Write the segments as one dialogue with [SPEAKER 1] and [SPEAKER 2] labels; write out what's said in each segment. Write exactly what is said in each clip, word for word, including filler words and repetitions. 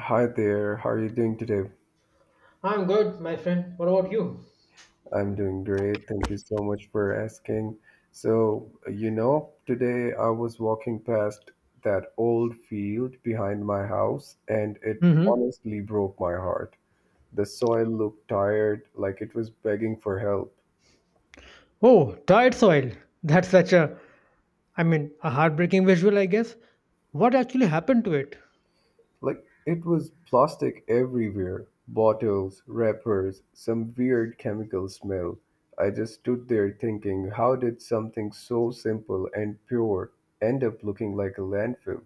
[SPEAKER 1] Hi there, how are you doing today?
[SPEAKER 2] I'm good, my friend. What about you?
[SPEAKER 1] I'm doing great. Thank you so much for asking. So, you know, today I was walking past that old field behind my house and it
[SPEAKER 2] Mm-hmm.
[SPEAKER 1] honestly broke my heart. The soil looked tired, like it was begging for help.
[SPEAKER 2] Oh, tired soil. That's such a, I mean, a heartbreaking visual, I guess. What actually happened to it?
[SPEAKER 1] Like it was plastic everywhere, bottles, wrappers, some weird chemical smell. I just stood there thinking, how did something so simple and pure end up looking like a landfill?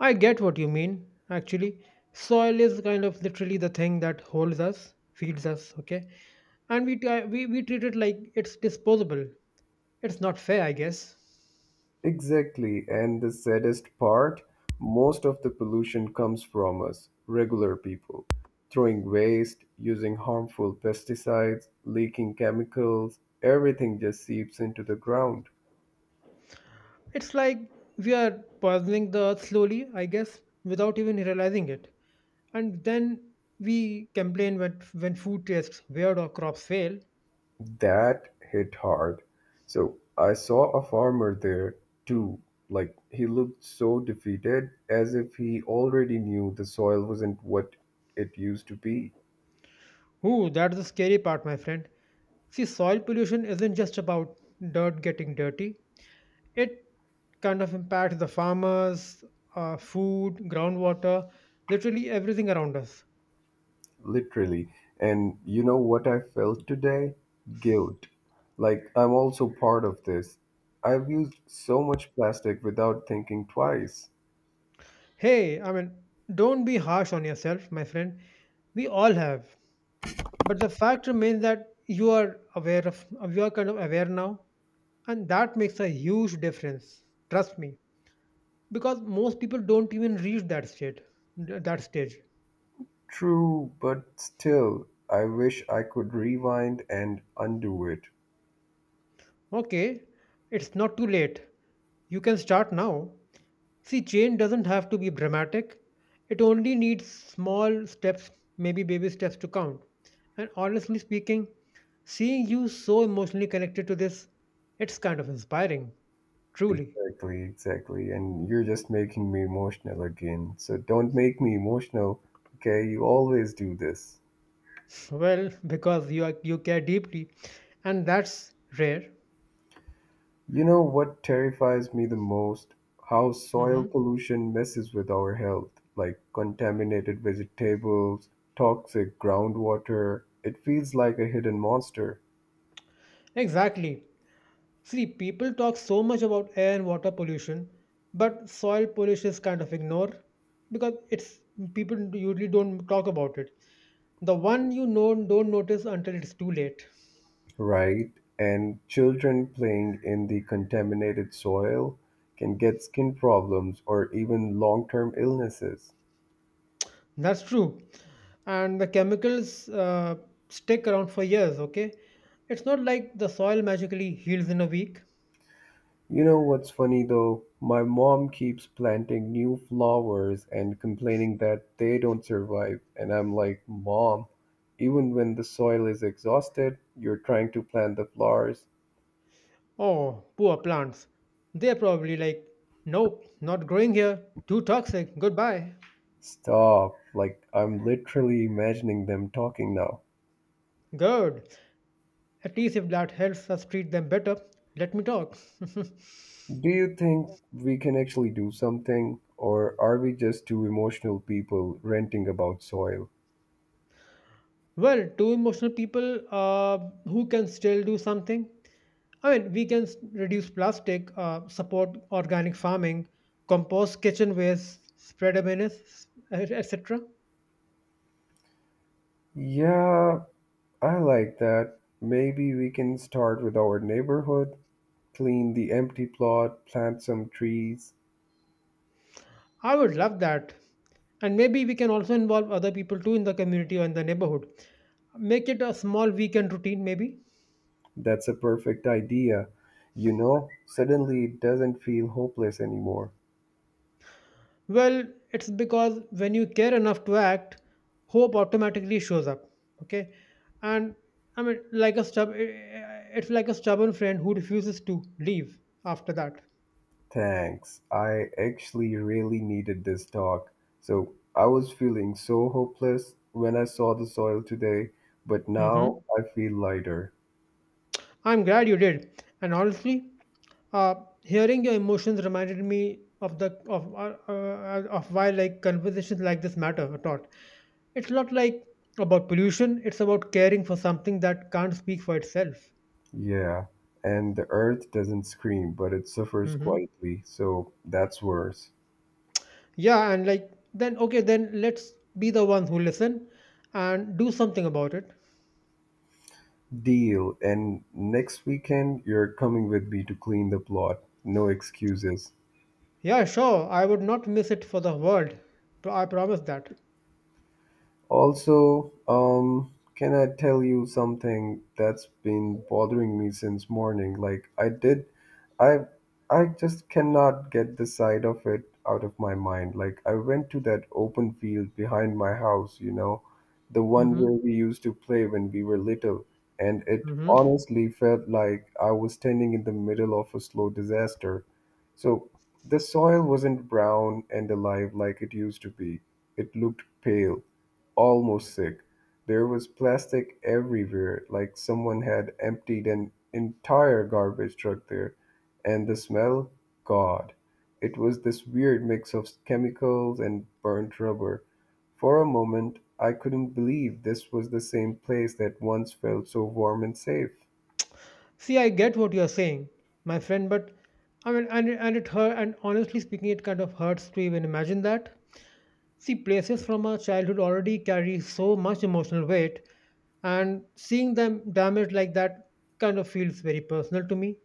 [SPEAKER 2] I get what you mean, actually. Soil is kind of literally the thing that holds us, feeds us, okay? And we, t- we, we treat it like it's disposable. It's not fair, I guess.
[SPEAKER 1] Exactly, and the saddest part, most of the pollution comes from us, regular people, throwing waste, using harmful pesticides, leaking chemicals, everything just seeps into the ground.
[SPEAKER 2] It's like we are puzzling the earth slowly, I guess, without even realizing it. And then we complain when, when food tastes weird or crops fail.
[SPEAKER 1] That hit hard. So I saw a farmer there, too. Like, he looked so defeated, as if he already knew the soil wasn't what it used to be,
[SPEAKER 2] Ooh, that's the scary part, my friend. See, soil pollution isn't just about dirt getting dirty, it kind of impacts the farmers, uh, food, groundwater, literally everything around us.
[SPEAKER 1] literally. And you know what I felt today? Guilt. Like, I'm also part of this. I've used so much plastic without thinking twice.
[SPEAKER 2] Hey, I mean, don't be harsh on yourself, my friend. We all have. But the fact remains that you are aware of you are kind of aware now, and that makes a huge difference, trust me, because most people don't even reach that state that stage.
[SPEAKER 1] True, but still, I wish I could rewind and undo it.
[SPEAKER 2] Okay, it's not too late. You can start now. See, change doesn't have to be dramatic, it only needs small steps, maybe baby steps to count. And honestly speaking, seeing you so emotionally connected to this, it's kind of inspiring, truly.
[SPEAKER 1] Exactly, exactly. And you're just making me emotional again. So don't make me emotional, okay? You always do this.
[SPEAKER 2] Well, because you are, you care deeply, and that's rare.
[SPEAKER 1] You know what terrifies me the most? How soil
[SPEAKER 2] Hmm.
[SPEAKER 1] pollution messes with our health, like contaminated vegetables, toxic groundwater. It feels like a hidden monster,
[SPEAKER 2] Exactly. See, people talk so much about air and water pollution, but soil pollution is kind of ignored because it's people usually don't talk about it. The one, you know, don't notice until it's too late.
[SPEAKER 1] right? And children playing in the contaminated soil can get skin problems or even long term illnesses.
[SPEAKER 2] That's true. And the chemicals uh, stick around for years, okay? It's not like the soil magically heals in a week.
[SPEAKER 1] You know what's funny though? My mom keeps planting new flowers and complaining that they don't survive. And I'm like, Mom, even when the soil is exhausted, you're trying to plant the flowers.
[SPEAKER 2] Oh, poor plants. They're probably like, nope, not growing here. Too toxic. Goodbye.
[SPEAKER 1] Stop. Like, I'm literally imagining them talking now.
[SPEAKER 2] Good. At least if that helps us treat them better, let me talk.
[SPEAKER 1] Do you think we can actually do something? Or are we just two emotional people ranting about soil?
[SPEAKER 2] Well, two emotional people uh, who can still do something. I mean, we can s- reduce plastic, uh, support organic farming, compost kitchen waste, spread awareness, et cetera.
[SPEAKER 1] Yeah, I like that. Maybe we can start with our neighborhood. Clean the empty plot, plant some trees.
[SPEAKER 2] I would love that. And maybe we can also involve other people too in the community or in the neighborhood. Make it a small weekend routine, maybe.
[SPEAKER 1] That's a perfect idea. You know, suddenly it doesn't feel hopeless anymore.
[SPEAKER 2] Well, it's because when you care enough to act, hope automatically shows up. Okay. And I mean, like a stub, eh, eh, it's like a stubborn friend who refuses to leave after that.
[SPEAKER 1] Thanks. I actually really needed this talk. So I was feeling so hopeless when I saw the soil today, but
[SPEAKER 2] Hmm.
[SPEAKER 1] now I feel lighter.
[SPEAKER 2] I'm glad you did. And honestly, uh, hearing your emotions reminded me of the of uh, uh, of why like conversations like this matter a lot. It's not like about pollution. It's about caring for something that can't speak for itself.
[SPEAKER 1] Yeah. And the earth doesn't scream, but it suffers
[SPEAKER 2] Hmm.
[SPEAKER 1] quietly, so that's worse.
[SPEAKER 2] Yeah, and like then okay, then let's be the ones who listen and do something about it.
[SPEAKER 1] Deal, and next weekend you're coming with me to clean the plot. No excuses.
[SPEAKER 2] Yeah, sure. I would not miss it for the world. Pro- I promise that.
[SPEAKER 1] Also, um, can I tell you something that's been bothering me since morning? Like I did, I I just cannot get the side of it out of my mind. Like I went to that open field behind my house, you know, the one where we used to play when we were little, and it
[SPEAKER 2] Mm-hmm.
[SPEAKER 1] honestly felt like I was standing in the middle of a slow disaster. So the soil wasn't brown and alive like it used to be. It looked pale almost sick. There was plastic everywhere, like someone had emptied an entire garbage truck there. And the smell, God, it was this weird mix of chemicals and burnt rubber. For a moment, I couldn't believe this was the same place that once felt so warm and safe.
[SPEAKER 2] See, I get what you're saying, my friend, but I mean, and, and it hurt, and honestly speaking, it kind of hurts to even imagine that. See, places from our childhood already carry so much emotional weight, and seeing them damaged like that kind of feels very personal to me.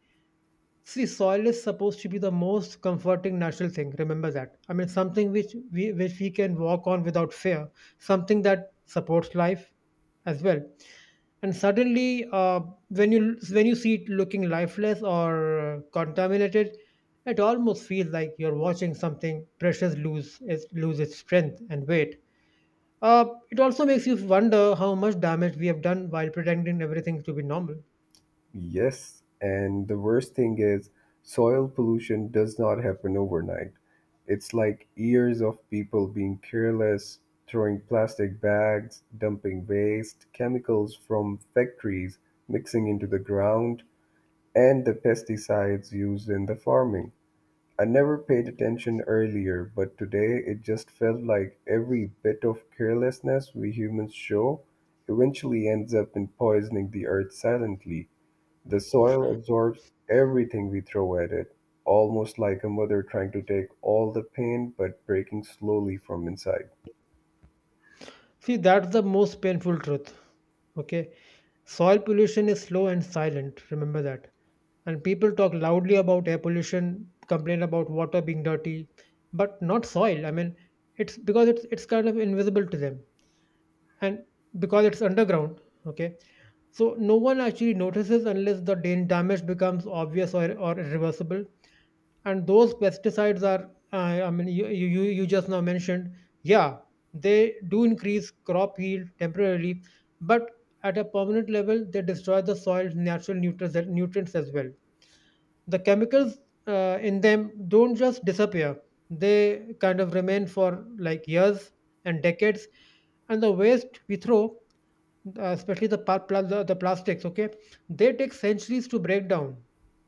[SPEAKER 2] See, soil is supposed to be the most comforting natural thing. Remember that. I mean, something which we which we can walk on without fear. Something that supports life as well. And suddenly, uh, when you when you see it looking lifeless or uh, contaminated, it almost feels like you're watching something precious lose its lose its strength and weight. Uh, it also makes you wonder how much damage we have done while pretending everything to be normal.
[SPEAKER 1] Yes, and the worst thing is, soil pollution does not happen overnight. It's like years of people being careless, throwing plastic bags, dumping waste, chemicals from factories mixing into the ground, and the pesticides used in the farming. I never paid attention earlier, but today it just felt like every bit of carelessness we humans show eventually ends up in poisoning the earth silently the soil absorbs everything we throw at it, almost like a mother trying to take all the pain but breaking slowly from inside.
[SPEAKER 2] See, that's the most painful truth. Okay. Soil pollution is slow and silent. Remember that. And people talk loudly about air pollution, complain about water being dirty, but not soil. I mean, it's because it's it's kind of invisible to them, and because it's underground, okay? So no one actually notices unless the dan- damage becomes obvious, or, or irreversible. And those pesticides are uh, I mean, you, you you you just now mentioned, yeah, they do increase crop yield temporarily, but at a permanent level they destroy the soil's natural nutrients nutrients as well. The chemicals, uh, in them don't just disappear. They kind of remain for like years and decades. And the waste we throw, uh, especially the, pa- pla- the the plastics, okay, they take centuries to break down.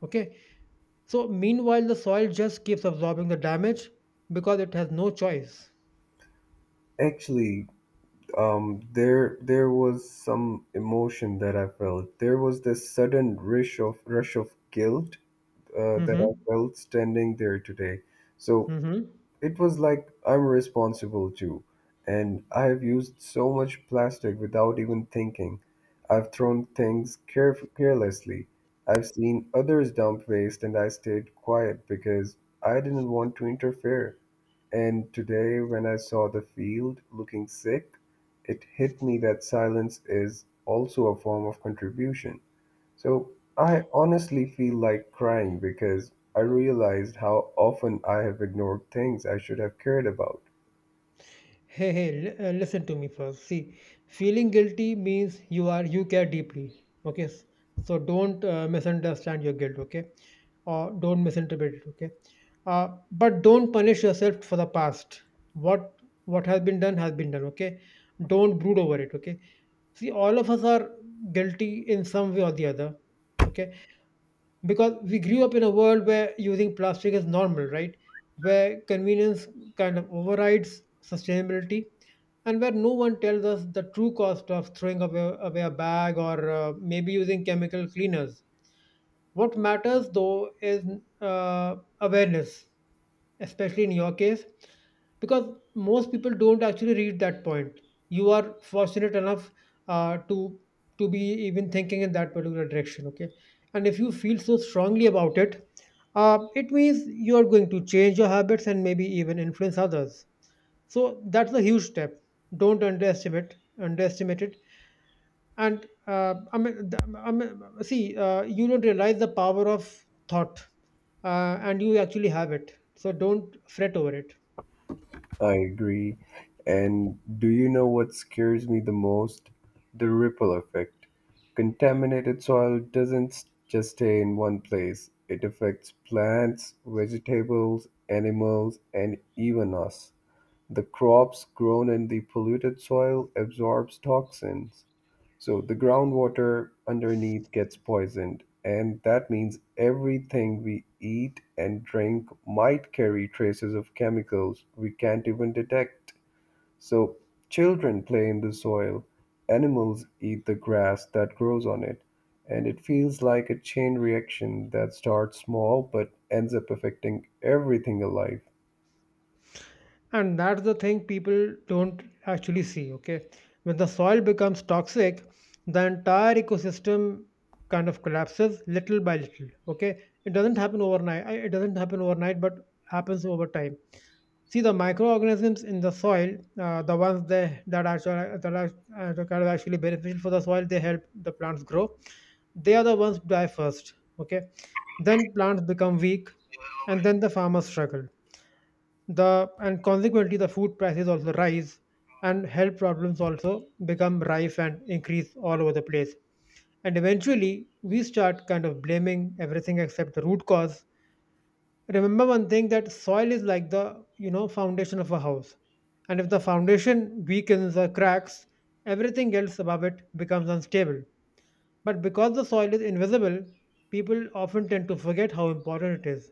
[SPEAKER 2] Okay, so meanwhile the soil just keeps absorbing the damage because it has no choice.
[SPEAKER 1] Actually, um, there there was some emotion that I felt. There was this sudden rush of rush of guilt uh, that I
[SPEAKER 2] Mm-hmm.
[SPEAKER 1] felt standing there today. So
[SPEAKER 2] Mm-hmm.
[SPEAKER 1] it was like, I'm responsible too. And I've used so much plastic without even thinking. I've thrown things caref- carelessly. I've seen others dump waste and I stayed quiet because I didn't want to interfere. And today, when I saw the field looking sick, it hit me that silence is also a form of contribution. So I honestly feel like crying because I realized how often I have ignored things I should have cared about.
[SPEAKER 2] Hey, hey, l- uh, listen to me first. See, feeling guilty means you are you care deeply. Okay. S- so don't uh, misunderstand your guilt. Okay, or don't misinterpret it. Okay, uh, but don't punish yourself for the past. What what has been done has been done. Okay, don't brood over it. Okay, see, all of us are guilty in some way or the other. Okay, because we grew up in a world where using plastic is normal, right? Where convenience kind of overrides sustainability, and where no one tells us the true cost of throwing away, away a bag, or uh, maybe using chemical cleaners. What matters though is uh, awareness, especially in your case, because most people don't actually read that point. You are fortunate enough uh, to to be even thinking in that particular direction, okay? And if you feel so strongly about it, uh, it means you are going to change your habits and maybe even influence others. So that's a huge step. Don't underestimate underestimate it. And uh, I mean, th- I mean, see, uh, you don't realize the power of thought, uh, and you actually have it. So don't fret over it.
[SPEAKER 1] I agree. And do you know what scares me the most? The ripple effect. Contaminated soil doesn't s- just stay in one place, it affects plants, vegetables, animals, and even us. The crops grown in the polluted soil absorbs toxins. So the groundwater underneath gets poisoned, and that means everything we eat and drink might carry traces of chemicals we can't even detect. So children play in the soil, animals eat the grass that grows on it, and it feels like a chain reaction that starts small but ends up affecting everything alive.
[SPEAKER 2] And that's the thing people don't actually see. Okay, when the soil becomes toxic, the entire ecosystem kind of collapses little by little. Okay, it doesn't happen overnight. I- It doesn't happen overnight, but happens over time. See, the microorganisms in the soil, uh, the ones they, that are actually, that are uh, that are actually beneficial for the soil, they help the plants grow. They are the ones who die first. Okay, then plants become weak, and then the farmers struggle. The and consequently, the food prices also rise, and health problems also become rife and increase all over the place. And eventually, we start kind of blaming everything except the root cause. Remember one thing, that soil is like the, you know, foundation of a house, and if the foundation weakens or cracks, everything else above it becomes unstable. But because the soil is invisible, people often tend to forget how important it is.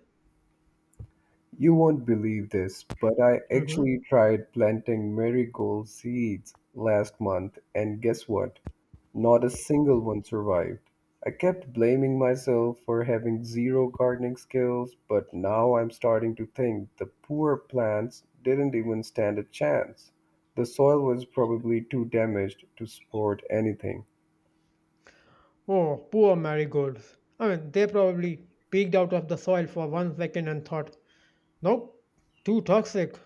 [SPEAKER 1] You won't believe this, but I
[SPEAKER 2] Mhm.
[SPEAKER 1] actually tried planting marigold seeds last month, and guess what? Not a single one survived. I kept blaming myself for having zero gardening skills, but now I'm starting to think the poor plants didn't even stand a chance. The soil was probably too damaged to support anything.
[SPEAKER 2] Oh, poor marigolds. I mean, they probably peeked out of the soil for one second and thought, nope, too toxic.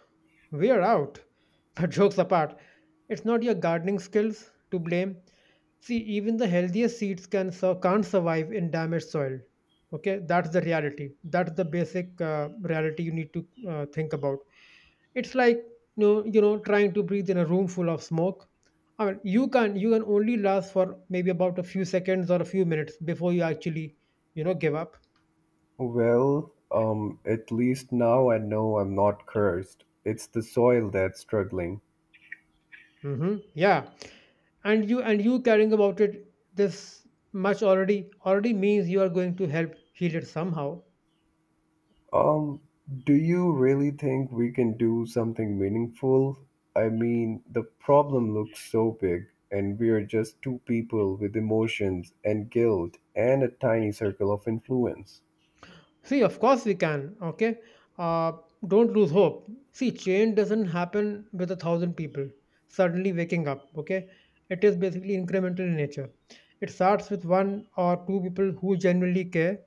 [SPEAKER 2] We are out. But jokes apart, it's not your gardening skills to blame. See, even the healthiest seeds can sur- can't survive in damaged soil. Okay, that's the reality. That's the basic uh, reality you need to uh, think about. It's like, you know, you know, trying to breathe in a room full of smoke. I mean, you can you can only last for maybe about a few seconds or a few minutes before you actually, you know, give up.
[SPEAKER 1] Well, um, at least now I know I'm not cursed. It's the soil that's struggling.
[SPEAKER 2] Mm-hmm. Yeah, and you and you caring about it this much already already means you are going to help heal it somehow.
[SPEAKER 1] Um, do you really think we can do something meaningful? I mean, the problem looks so big, and we are just two people with emotions and guilt and a tiny circle of influence.
[SPEAKER 2] See, of course we can, okay? uh, don't lose hope. See, change doesn't happen with a thousand people suddenly waking up, okay? It is basically incremental in nature. It starts with one or two people who genuinely care.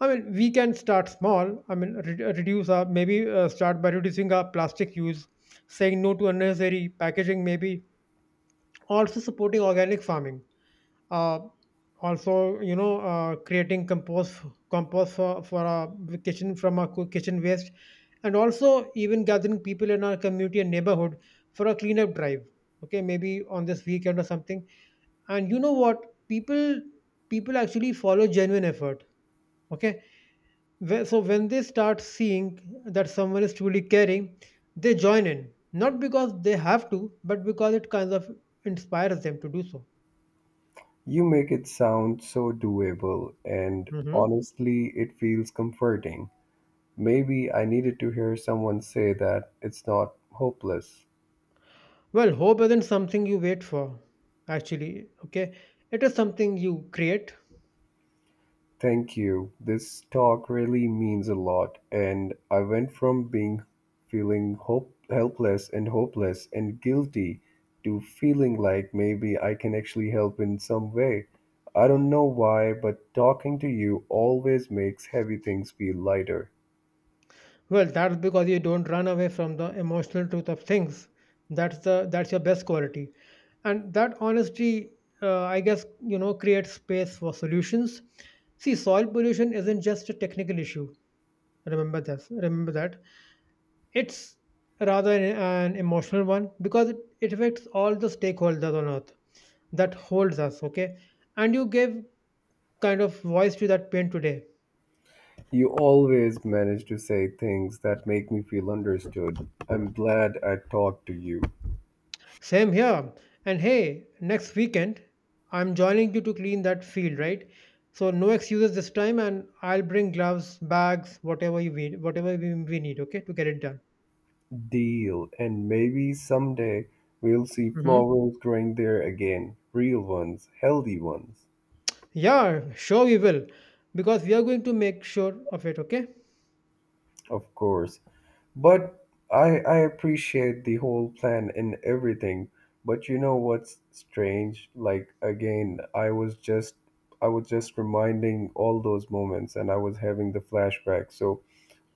[SPEAKER 2] I mean, we can start small. I mean, re- reduce our maybe, uh, start by reducing our plastic use, saying no to unnecessary packaging, maybe also supporting organic farming, uh, also, you know, uh, creating compost, compost for, for a kitchen, from a kitchen waste. And also even gathering people in our community and neighborhood for a cleanup drive, okay, maybe on this weekend or something. And you know what, people people actually follow genuine effort. Okay, Wh- so when they start seeing that someone is truly caring, they join in, not because they have to, but because it kind of inspires them to do so.
[SPEAKER 1] You make it sound so doable, and
[SPEAKER 2] Mhm.
[SPEAKER 1] honestly, it feels comforting. Maybe I needed to hear someone say that it's not hopeless.
[SPEAKER 2] Well, hope isn't something you wait for, actually. Okay. It is something you create.
[SPEAKER 1] Thank you. This talk really means a lot. And I went from being feeling hope, helpless and hopeless and guilty to feeling like maybe I can actually help in some way. I don't know why, but talking to you always makes heavy things feel lighter.
[SPEAKER 2] Well, that's because you don't run away from the emotional truth of things. That's the that's your best quality. And that honesty, uh, I guess, you know, creates space for solutions. See, soil pollution isn't just a technical issue. Remember this. Remember that. It's rather an, an emotional one, because it, it affects all the stakeholders on earth that holds us. Okay, and you give kind of voice to that pain today.
[SPEAKER 1] You always manage to say things that make me feel understood. I'm glad I talked to you.
[SPEAKER 2] Same here. And hey, next weekend, I'm joining you to clean that field, right? So no excuses this time, and I'll bring gloves, bags, whatever you need, whatever we, we need, okay, to get it done.
[SPEAKER 1] Deal. And maybe someday we'll see
[SPEAKER 2] Hmm.
[SPEAKER 1] flowers growing there again. Real ones, healthy ones,
[SPEAKER 2] Yeah, sure we will, because we are going to make sure of it, okay?
[SPEAKER 1] of course. But I, I appreciate the whole plan and everything. But you know what's strange? Like again, I was just I was just reminding all those moments and I was having the flashback. So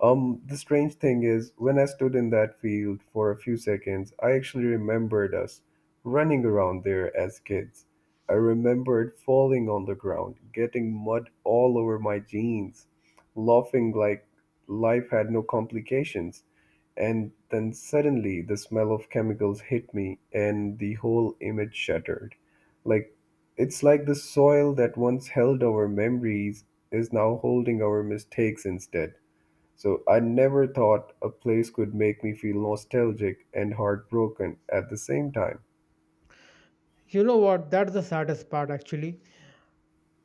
[SPEAKER 1] Um, the strange thing is, when I stood in that field for a few seconds, I actually remembered us running around there as kids. I remembered falling on the ground, getting mud all over my jeans, laughing like life had no complications. And then suddenly the smell of chemicals hit me, and the whole image shuddered. Like, it's like the soil that once held our memories is now holding our mistakes instead. So I never thought a place could make me feel nostalgic and heartbroken at the same time.
[SPEAKER 2] You know what? That's the saddest part, actually.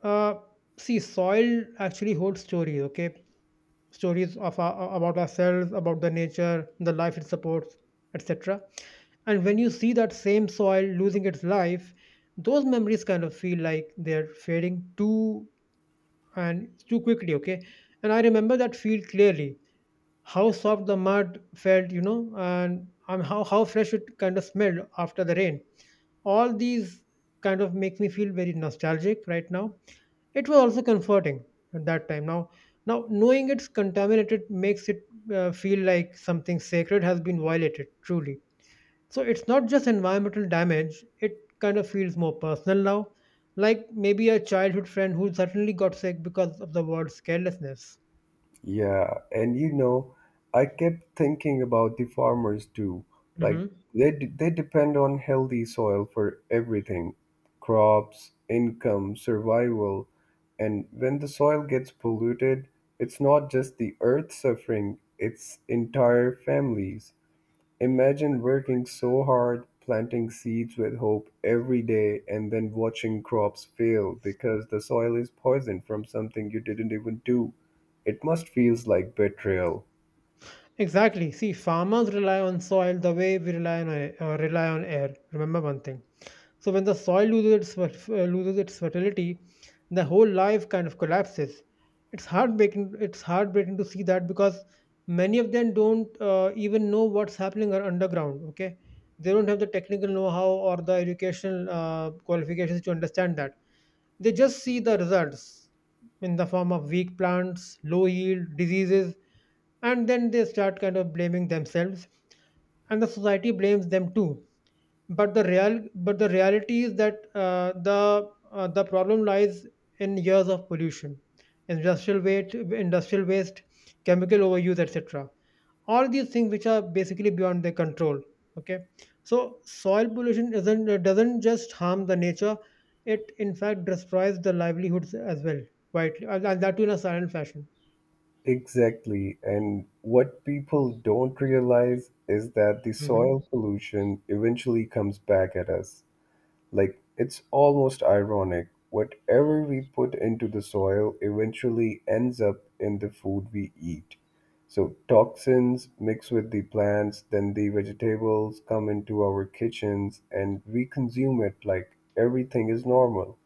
[SPEAKER 2] Uh, See, soil actually holds stories, okay? Stories of our, about ourselves, about the nature, the life it supports, et cetera. And when you see that same soil losing its life, those memories kind of feel like they're fading too and too quickly. Okay, and I remember that feel clearly. How soft the mud felt, you know, and um, how how fresh it kind of smelled after the rain. All these kind of make me feel very nostalgic right now. It was also comforting at that time. Now, now knowing it's contaminated makes it uh, feel like something sacred has been violated. Truly, so it's not just environmental damage. It kind of feels more personal now, like maybe a childhood friend who suddenly got sick because of the world's carelessness.
[SPEAKER 1] Yeah, and you know, I kept thinking about the farmers too. Like
[SPEAKER 2] Hmm.
[SPEAKER 1] they d- they depend on healthy soil for everything, crops, income, survival. And when the soil gets polluted, it's not just the earth suffering, it's entire families. Imagine working so hard, planting seeds with hope every day, and then watching crops fail because the soil is poisoned from something you didn't even do. It must feels like betrayal.
[SPEAKER 2] Exactly. See, farmers rely on soil the way we rely on air, uh, rely on air. Remember one thing. So when the soil loses its fer- uh, loses its fertility, the whole life kind of collapses. It's heartbreaking. It's heartbreaking to see that because many of them don't uh, even know what's happening or underground. Okay, they don't have the technical know-how or the educational uh, qualifications to understand that. They just see the results in the form of weak plants, low yield, diseases, and then they start kind of blaming themselves, and the society blames them too, but the real but the reality is that uh, the uh, the problem lies in years of pollution, industrial waste industrial waste, chemical overuse, etc. All these things which are basically beyond their control. Okay, so soil pollution isn't uh, doesn't just harm the nature, it in fact destroys the livelihoods as well, quietly, and and that too in a silent fashion.
[SPEAKER 1] Exactly. And what people don't realize is that the soil
[SPEAKER 2] Mhm.
[SPEAKER 1] pollution eventually comes back at us. Like, it's almost ironic. Whatever we put into the soil eventually ends up in the food we eat. So, toxins mix with the plants, then the vegetables come into our kitchens, and we consume it like everything is normal.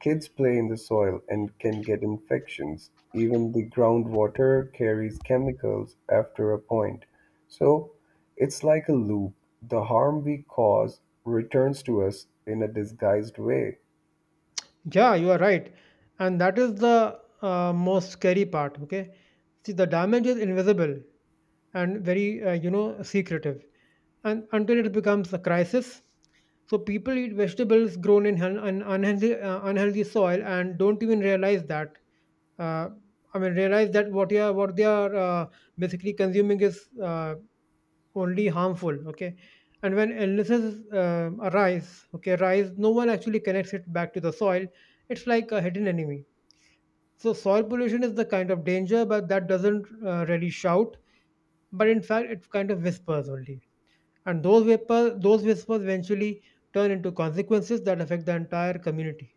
[SPEAKER 1] Kids play in the soil and can get infections. Even the groundwater carries chemicals after a point. So it's like a loop. The harm we cause returns to us in a disguised way.
[SPEAKER 2] Yeah, you are right. And that is the uh, most scary part, okay? See, the damage is invisible, and very uh, you know, secretive, and until it becomes a crisis. So people eat vegetables grown in un- un- unhealthy, uh, unhealthy soil and don't even realize that, uh, I mean realize that what you are what they are uh, basically consuming is uh, only harmful. Okay, and when illnesses uh, arise, okay, rise, no one actually connects it back to the soil. It's like a hidden enemy. So soil pollution is the kind of danger but that doesn't uh, really shout, but in fact it's kind of whispers only. And those whispers those whispers eventually turn into consequences that affect the entire community.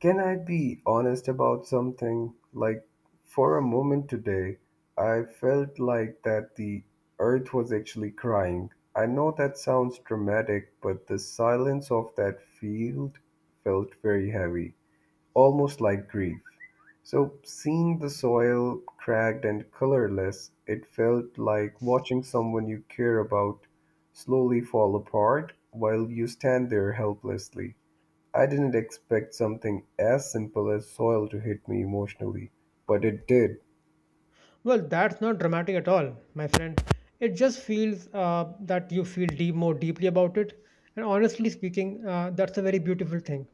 [SPEAKER 1] Can I be honest about something? Like, for a moment today, I felt like that the earth was actually crying. I know that sounds dramatic, but the silence of that field felt very heavy, almost like grief. So, seeing the soil cracked and colorless, it felt like watching someone you care about slowly fall apart while you stand there helplessly. I didn't expect something as simple as soil to hit me emotionally, but it did.
[SPEAKER 2] Well, that's not dramatic at all, my friend. It just feels uh, that you feel deep more deeply about it, and honestly speaking, uh, that's a very beautiful thing.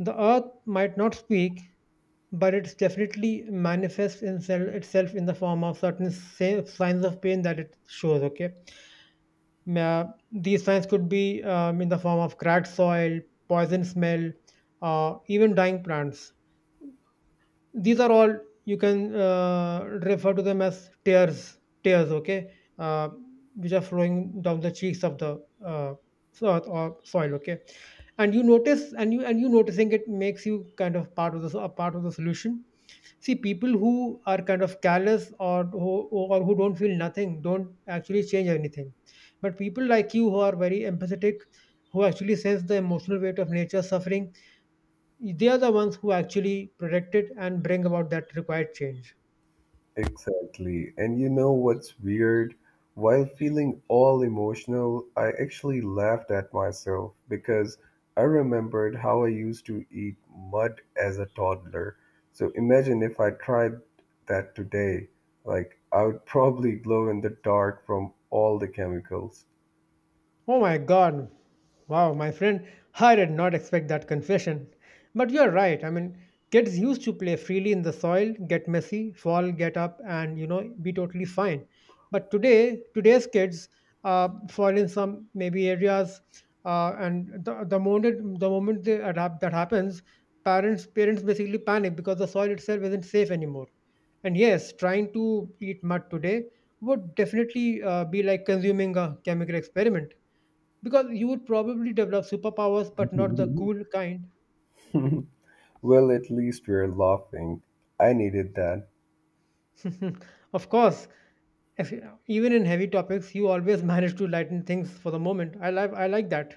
[SPEAKER 2] The earth might not speak, but it's definitely manifests itself, itself in the form of certain sa- signs of pain that it shows. Okay, Ma- these signs could be um, in the form of cracked soil, poison smell, uh, even dying plants. These are all, you can uh, refer to them as tears. Tears, okay, uh, which are flowing down the cheeks of the, uh, earth or soil. Okay, and you notice and you and you noticing it makes you kind of part of the a part of the solution. See, people who are kind of callous, or who or who don't feel nothing don't actually change anything. But people like you who are very empathetic, who actually sense the emotional weight of nature's suffering, they are the ones who actually protect it and bring about that required change.
[SPEAKER 1] Exactly. And you know what's weird? While feeling all emotional, I actually laughed at myself because I remembered how I used to eat mud as a toddler. So imagine if I tried that today. Like, I would probably glow in the dark from all the chemicals.
[SPEAKER 2] Oh my God. Wow, my friend, I did not expect that confession. But you're right. I mean, kids used to play freely in the soil, get messy, fall, get up, and, you know, be totally fine. But today, today's kids uh, fall in some maybe areas, uh, and the, the moment the moment they adapt, that happens, parents parents basically panic because the soil itself isn't safe anymore. And yes, trying to eat mud today would definitely uh, be like consuming a chemical experiment, because you would probably develop superpowers, but not the cool kind.
[SPEAKER 1] Well, at least we're laughing. I needed that.
[SPEAKER 2] Of course. if- Even in heavy topics you always manage to lighten things for the moment. I like i like that.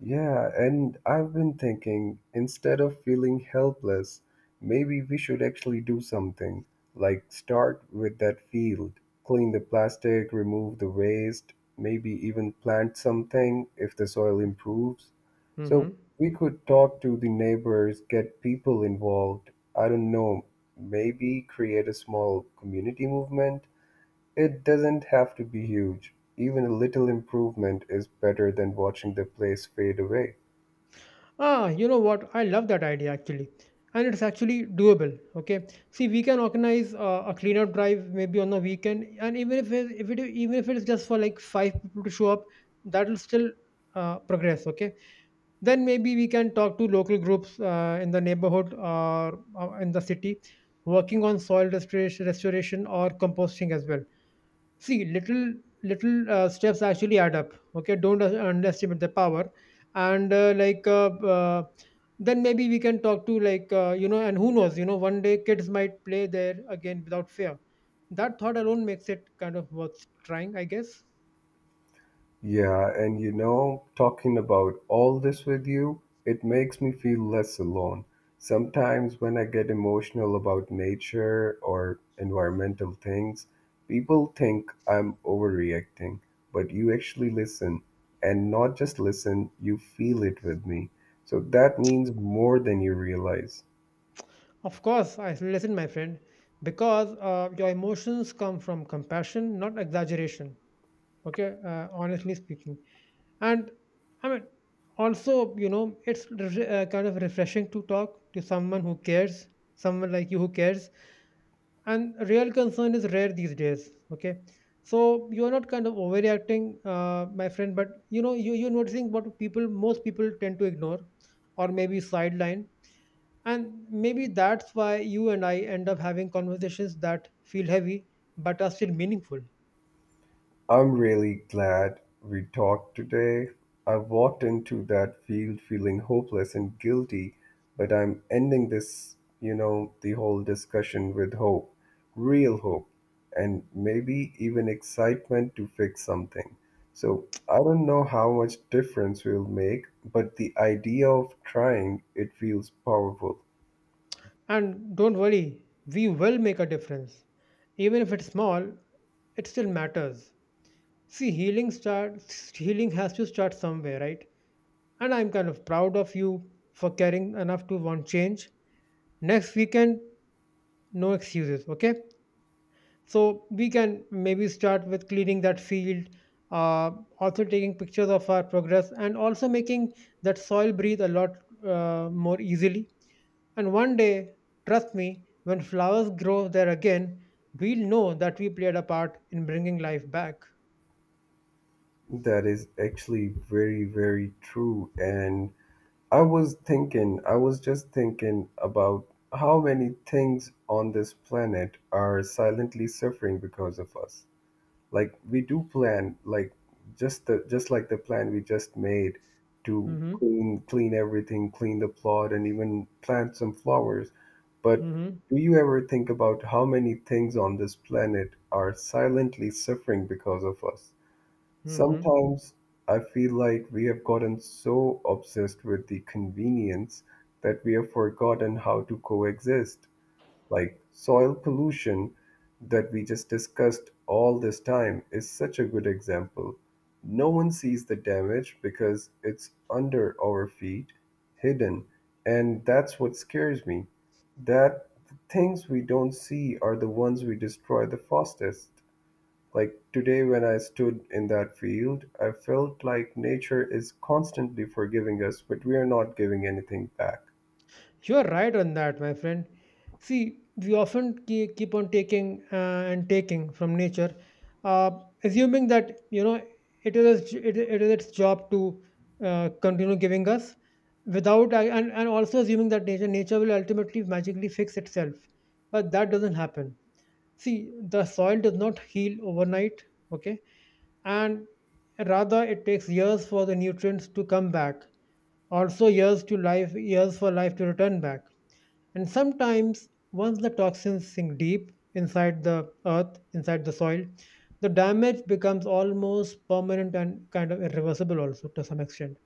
[SPEAKER 1] Yeah, and I've been thinking instead of feeling helpless, maybe we should actually do something. Like start with that field, clean the plastic, remove the waste, maybe even plant something if the soil improves. So
[SPEAKER 2] Hmm.
[SPEAKER 1] we could talk to the neighbors, get people involved. I don't know, maybe create a small community movement. It doesn't have to be huge. Even a little improvement is better than watching the place fade away.
[SPEAKER 2] Ah, you know what, I love that idea, actually. And it's actually doable. Okay, see, we can organize uh, a cleanup drive, maybe on the weekend, and even if it, if it even if it's just for like five people to show up, that'll still uh, progress. Okay, then maybe we can talk to local groups, uh, in the neighborhood or uh, in the city, working on soil restoration, restoration or composting as well. See, little, little uh, steps actually add up. Okay, don't uh, underestimate the power. And uh, like uh, uh, then maybe we can talk to like, uh, you know, and who knows, you know, one day kids might play there again without fear. That thought alone makes it kind of worth trying, I guess.
[SPEAKER 1] Yeah, and you know, talking about all this with you, it makes me feel less alone. Sometimes when I get emotional about nature or environmental things, people think I'm overreacting, but you actually listen. And not just listen, you feel it with me. So that means more than you realize.
[SPEAKER 2] Of course, I listen, my friend, because uh, your emotions come from compassion, not exaggeration. Okay, uh, honestly speaking, and I mean, also, you know, it's re- uh, kind of refreshing to talk to someone who cares, someone like you who cares, and real concern is rare these days. Okay, so you are not kind of overreacting, uh, my friend, but you know, you you're noticing what people, most people tend to ignore, or maybe sideline, and maybe that's why you and I end up having conversations that feel heavy but are still meaningful.
[SPEAKER 1] I'm really glad we talked today. I walked into that field feeling hopeless and guilty, but I'm ending this, you know, the whole discussion with hope, real hope, and maybe even excitement to fix something. So I don't know how much difference we'll make, but the idea of trying it feels powerful.
[SPEAKER 2] And don't worry, we will make a difference. Even if it's small, it still matters. See, healing starts healing has to start somewhere, right? And I'm kind of proud of you for caring enough to want change. Next weekend, no excuses, okay? So we can maybe start with cleaning that field, uh, also taking pictures of our progress, and also making that soil breathe a lot uh, more easily. And one day, trust me, when flowers grow there again, we'll know that we played a part in bringing life back.
[SPEAKER 1] That is actually very, very true. And I was thinking, I was just thinking about how many things on this planet are silently suffering because of us. Like we do plan, like just the just like the plan we just made to
[SPEAKER 2] Mm-hmm.
[SPEAKER 1] clean clean everything, clean the plot, and even plant some flowers. But
[SPEAKER 2] Mm-hmm.
[SPEAKER 1] do you ever think about how many things on this planet are silently suffering because of us?
[SPEAKER 2] Mm-hmm.
[SPEAKER 1] Sometimes I feel like we have gotten so obsessed with the convenience that we have forgotten how to coexist. Like soil pollution that we just discussed all this time is such a good example. No one sees the damage because it's under our feet, hidden, and that's what scares me. That the things we don't see are the ones we destroy the fastest. Like today, when I stood in that field, I felt like nature is constantly forgiving us, but we are not giving anything back.
[SPEAKER 2] You're right on that, my friend. See, we often ke- keep on taking, uh, and taking from nature, uh, assuming that, you know, it is its- it, it is its job to uh, continue giving us, without uh, and and also assuming that nature nature will ultimately magically fix itself, but that doesn't happen. See, the soil does not heal overnight, okay, and rather it takes years for the nutrients to come back, also years to life years for life to return back. And sometimes, once the toxins sink deep inside the earth, inside the soil, the damage becomes almost permanent and kind of irreversible, also to some extent.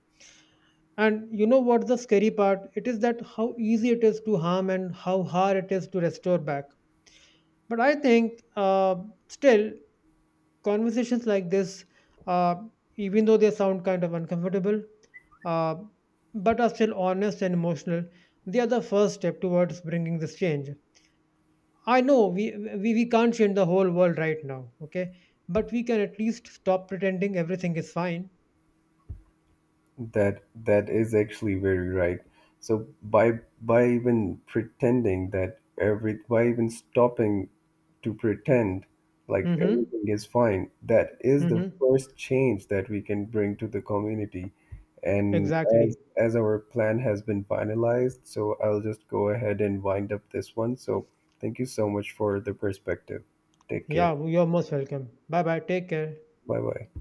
[SPEAKER 2] And you know what's the scary part? It is that how easy it is to harm and how hard it is to restore back. But I think uh, still, conversations like this, uh, even though they sound kind of uncomfortable, uh, but are still honest and emotional, they are the first step towards bringing this change. I know we, we we can't change the whole world right now, okay? But we can at least stop pretending everything is fine.
[SPEAKER 1] That that is actually very right. So by by even pretending that every by even stopping to pretend like
[SPEAKER 2] Mm-hmm.
[SPEAKER 1] everything is fine. That is the
[SPEAKER 2] Mm-hmm.
[SPEAKER 1] first change that we can bring to the community. And
[SPEAKER 2] Exactly.
[SPEAKER 1] as as our plan has been finalized, so I'll just go ahead and wind up this one. So thank you so much for the perspective. Take care.
[SPEAKER 2] Yeah, you're most welcome. Bye bye. Take care.
[SPEAKER 1] Bye bye.